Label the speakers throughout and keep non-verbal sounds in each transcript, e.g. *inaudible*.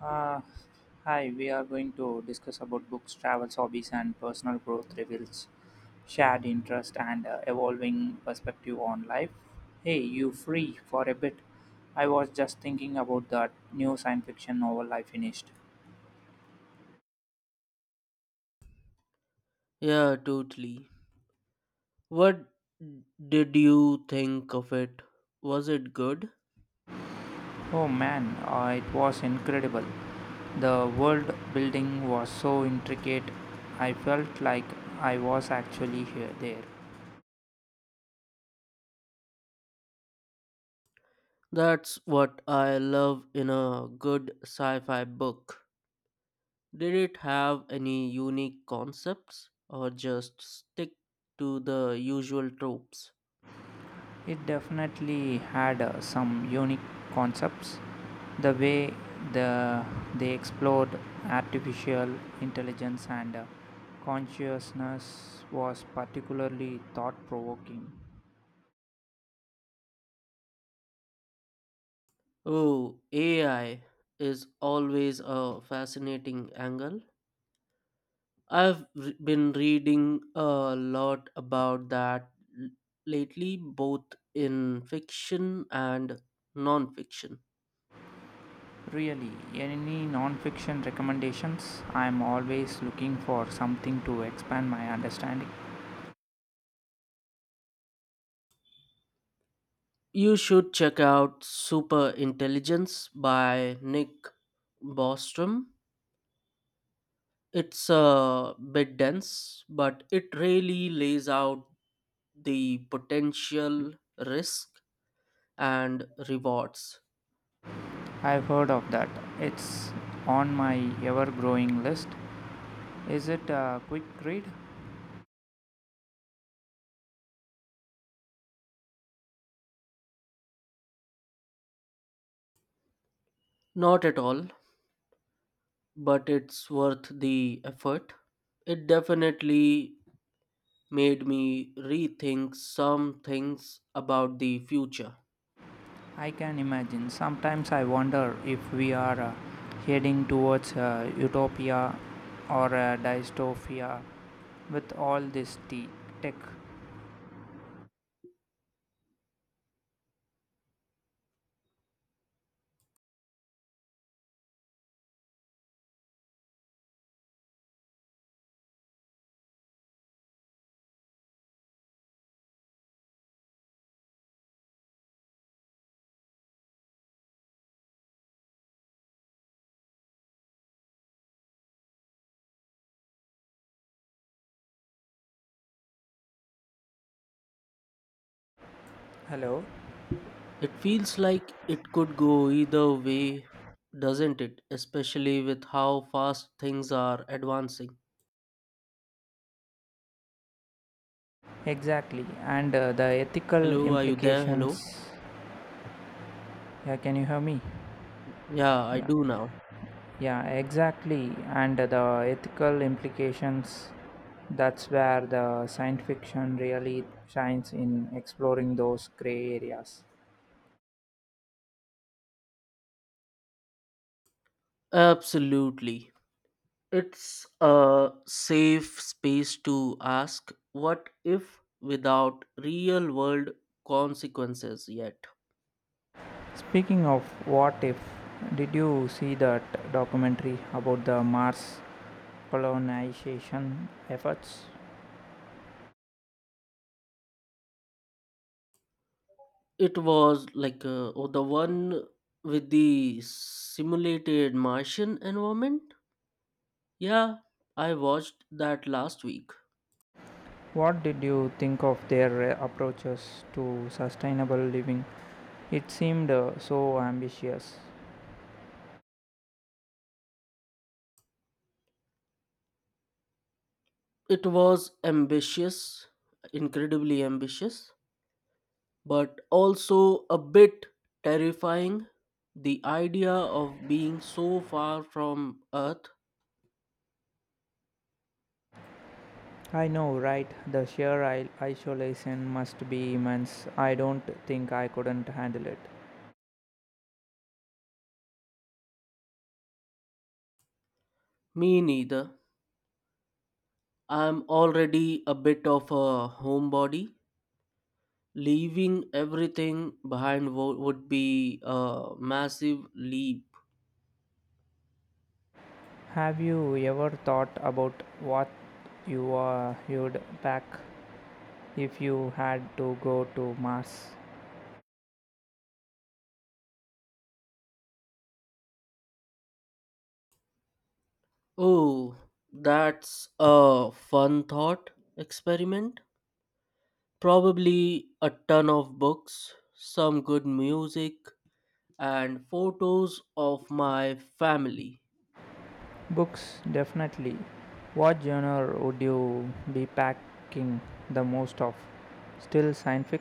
Speaker 1: Uh, hi, we are going to discuss about books, travels, hobbies, and personal growth reveals shared interest and evolving perspective on life. Hey, you free for a bit? I was just thinking about that new science fiction novel I finished.
Speaker 2: Yeah, totally. What did you think of it? Was it good?
Speaker 1: Oh man, it was incredible. The world building was so intricate, I felt like I was actually here there.
Speaker 2: That's what I love in a good sci fi book. Did it have any unique concepts or just stick to the usual tropes?
Speaker 1: It definitely had some unique concepts. The way the they explored artificial intelligence and consciousness was particularly thought-provoking.
Speaker 2: Oh, AI is always a fascinating angle. Been reading a lot about that l- lately, both in fiction and non-fiction.
Speaker 1: Really, any non-fiction recommendations? I'm always looking for something to expand my understanding.
Speaker 2: You should check out Super Intelligence by Nick Bostrom. It's a bit dense, but it really lays out the potential risk and rewards.
Speaker 1: I've heard of that. It's on my ever-growing list. Is it a quick read?
Speaker 2: Not at all, but it's worth the effort. It definitely made me rethink some things about the future.
Speaker 1: I can imagine. Sometimes I wonder if we are heading towards utopia or dystopia with all this tech. Hello?
Speaker 2: It feels like it could go either way, doesn't it? Especially with how fast things are advancing.
Speaker 1: Exactly. And the ethical
Speaker 2: Hello, are you there? Hello?
Speaker 1: implications. Yeah, can you hear me?
Speaker 2: Yeah, I
Speaker 1: Yeah.
Speaker 2: do now.
Speaker 1: Yeah, exactly. And the ethical implications. That's where the science fiction really shines in exploring those gray areas.
Speaker 2: Absolutely. It's a safe space to ask what if without real world consequences yet.
Speaker 1: Speaking of what if, did you see that documentary about the Mars colonization efforts?
Speaker 2: It was like the one with the simulated Martian environment. Yeah, I watched that last week.
Speaker 1: What did you think of their approaches to sustainable living? It seemed so ambitious.
Speaker 2: It was ambitious, incredibly ambitious, but also a bit terrifying. The idea of being so far from Earth,
Speaker 1: I know, right? The sheer isolation must be immense. I don't think I couldn't handle it.
Speaker 2: me neither. I'm already a bit of a homebody. Leaving everything behind would be a massive leap.
Speaker 1: Have you ever thought about what you you'd pack if you had to go to Mars?
Speaker 2: Oh, that's a fun thought experiment. Probably a ton of books, some good music, and photos of my family.
Speaker 1: Books, definitely. What genre would you be packing the most of? Still scientific?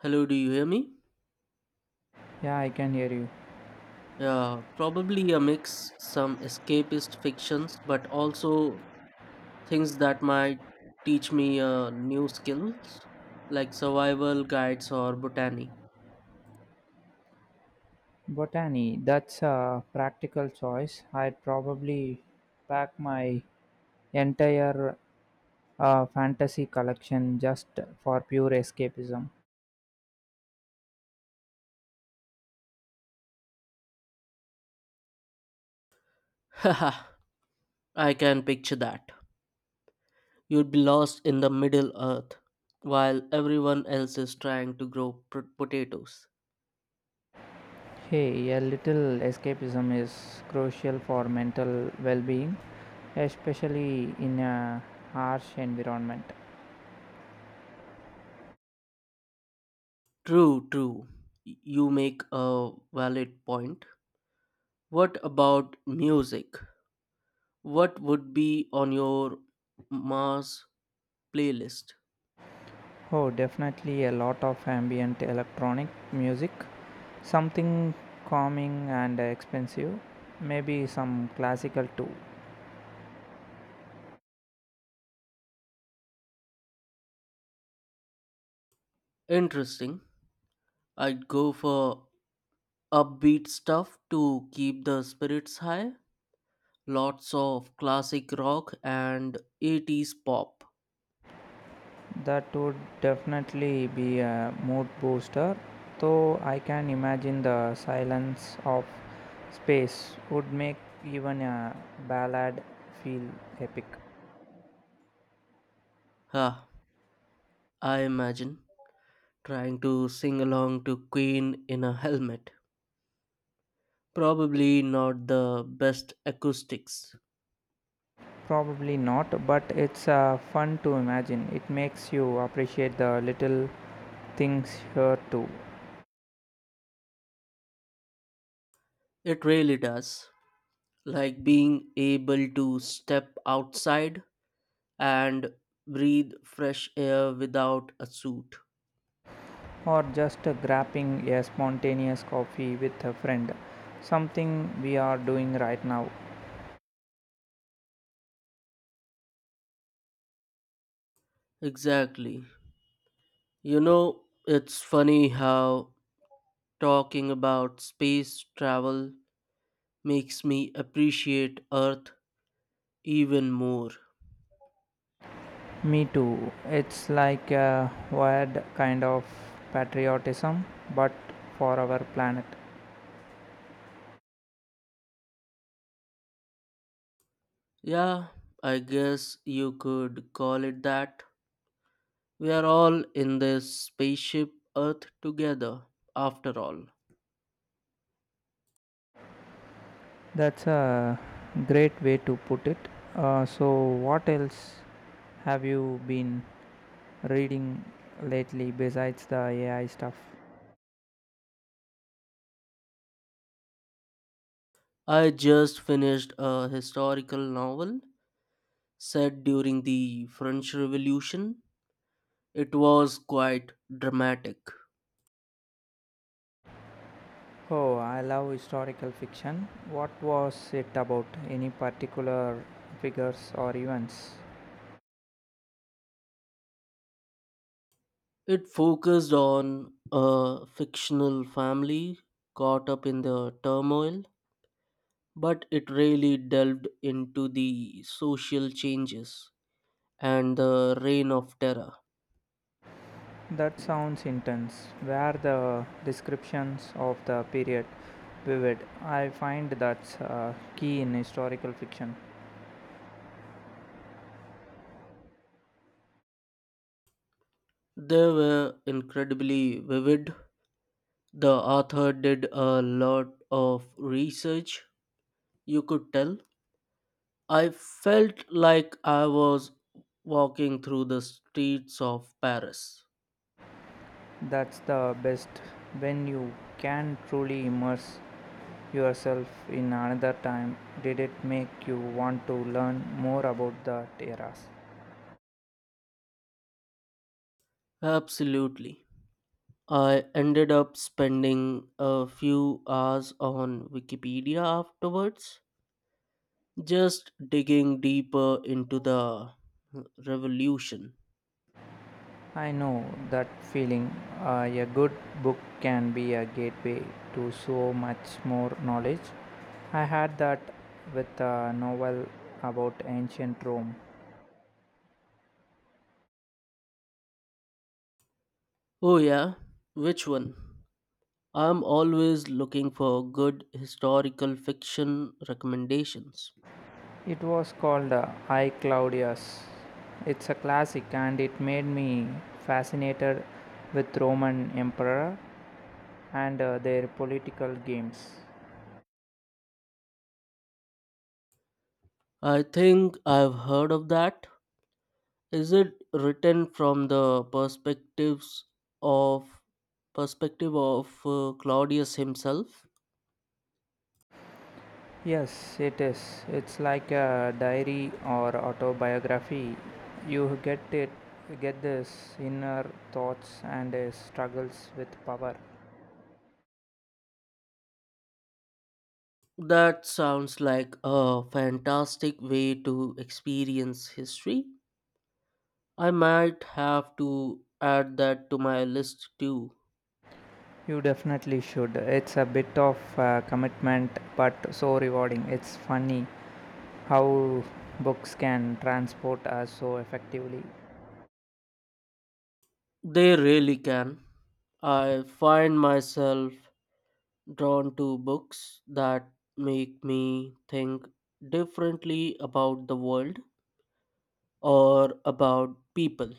Speaker 2: Hello, do you hear me?
Speaker 1: Yeah, I can hear you.
Speaker 2: Yeah, probably a mix, some escapist fictions, but also things that might teach me new skills like survival guides or botany.
Speaker 1: Botany, that's a practical choice. I'd probably pack my entire fantasy collection just for pure escapism.
Speaker 2: *laughs* Haha, I can picture that. You'd be lost in the middle earth while everyone else is trying to grow potatoes.
Speaker 1: Hey, a little escapism is crucial for mental well being, especially in a harsh environment.
Speaker 2: True, true. You make a valid point. What about music? What would be on your Mars playlist?
Speaker 1: Oh, definitely a lot of ambient electronic music. Something calming and expensive. Maybe some classical too.
Speaker 2: Interesting. I'd go for upbeat stuff to keep the spirits high. Lots of classic rock and 80s pop.
Speaker 1: That would definitely be a mood booster. Though I can imagine the silence of space would make even a ballad feel epic.
Speaker 2: Huh, I imagine trying to sing along to Queen in a helmet. Probably not the best acoustics.
Speaker 1: Probably not, but it's fun to imagine. It makes you appreciate the little things here too.
Speaker 2: It really does. Like being able to step outside and breathe fresh air without a suit.
Speaker 1: Or just grabbing a spontaneous coffee with a friend. Something we are doing right now.
Speaker 2: Exactly. You know, it's funny how talking about space travel makes me appreciate Earth even more.
Speaker 1: Me too. It's like a weird kind of patriotism, but for our planet.
Speaker 2: Yeah, I guess you could call it that. We are all in this spaceship Earth together, after all.
Speaker 1: That's a great way to put it. So, what else have you been reading lately besides the AI stuff?
Speaker 2: I just finished a historical novel set during the French Revolution. It was quite dramatic.
Speaker 1: Oh, I love historical fiction. What was it about? Any particular figures or events?
Speaker 2: It focused on a fictional family caught up in the turmoil, but it really delved into the social changes and the reign of terror.
Speaker 1: That sounds intense. Were the descriptions of the period vivid? I find that's key in historical fiction.
Speaker 2: They were incredibly vivid. The author did a lot of research, you could tell. I felt like I was walking through the streets of Paris.
Speaker 1: That's the best when you can truly immerse yourself in another time. Did it make you want to learn more about that eras?
Speaker 2: Absolutely. I ended up spending a few hours on Wikipedia afterwards, just digging deeper into the revolution.
Speaker 1: I know that feeling. A good book can be a gateway to so much more knowledge. I had that with a novel about ancient Rome.
Speaker 2: Oh, yeah, which one? I'm always looking for good historical fiction recommendations.
Speaker 1: It was called I Claudius. It's a classic and it made me fascinated with Roman emperor and their political games.
Speaker 2: I think I've heard of that. Is it written from the of perspective of Claudius himself?
Speaker 1: Yes, it is. It's like a diary or autobiography. You get it, get this inner thoughts and struggles with power.
Speaker 2: That sounds like a fantastic way to experience history. I might have to add that to my list too.
Speaker 1: You definitely should. It's a bit of commitment, but so rewarding. It's funny how books can transport us so effectively.
Speaker 2: They really can. I find myself drawn to books that make me think differently about the world or about people.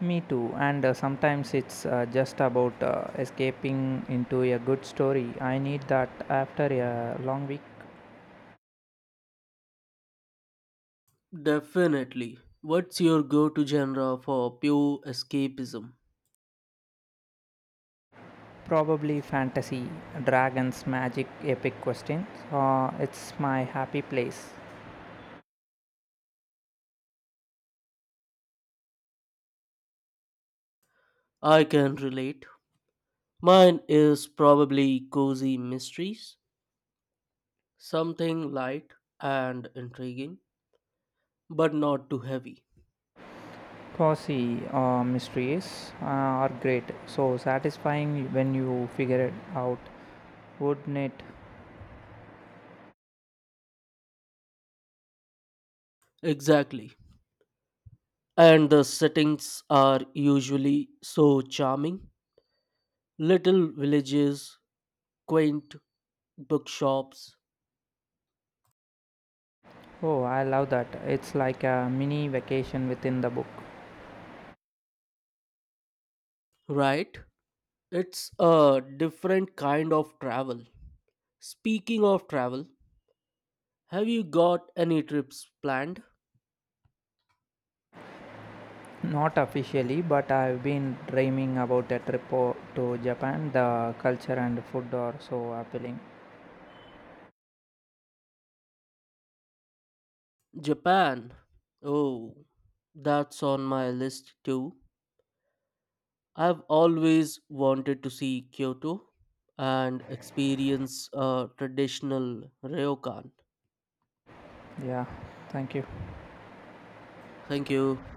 Speaker 1: Me too. And sometimes it's just about escaping into a good story. I need that after a long week.
Speaker 2: Definitely. What's your go to genre for pure escapism?
Speaker 1: Probably fantasy, dragons, magic, epic questions. It's my happy place.
Speaker 2: I can relate. Mine is probably cozy mysteries, something light and intriguing, but not too heavy.
Speaker 1: Cozy mysteries are great, so satisfying when you figure it out, wouldn't it?
Speaker 2: Exactly. And the settings are usually so charming. Little villages, quaint bookshops,
Speaker 1: Oh, I love that. It's like a mini vacation within the book.
Speaker 2: right? It's a different kind of travel. Speaking of travel, have you got any trips planned?
Speaker 1: Not officially, but I've been dreaming about a trip to Japan. The culture and food are so appealing.
Speaker 2: Japan. Oh, that's on my list too. I've always wanted to see Kyoto and experience a traditional ryokan.
Speaker 1: Yeah, thank you.
Speaker 2: Thank you.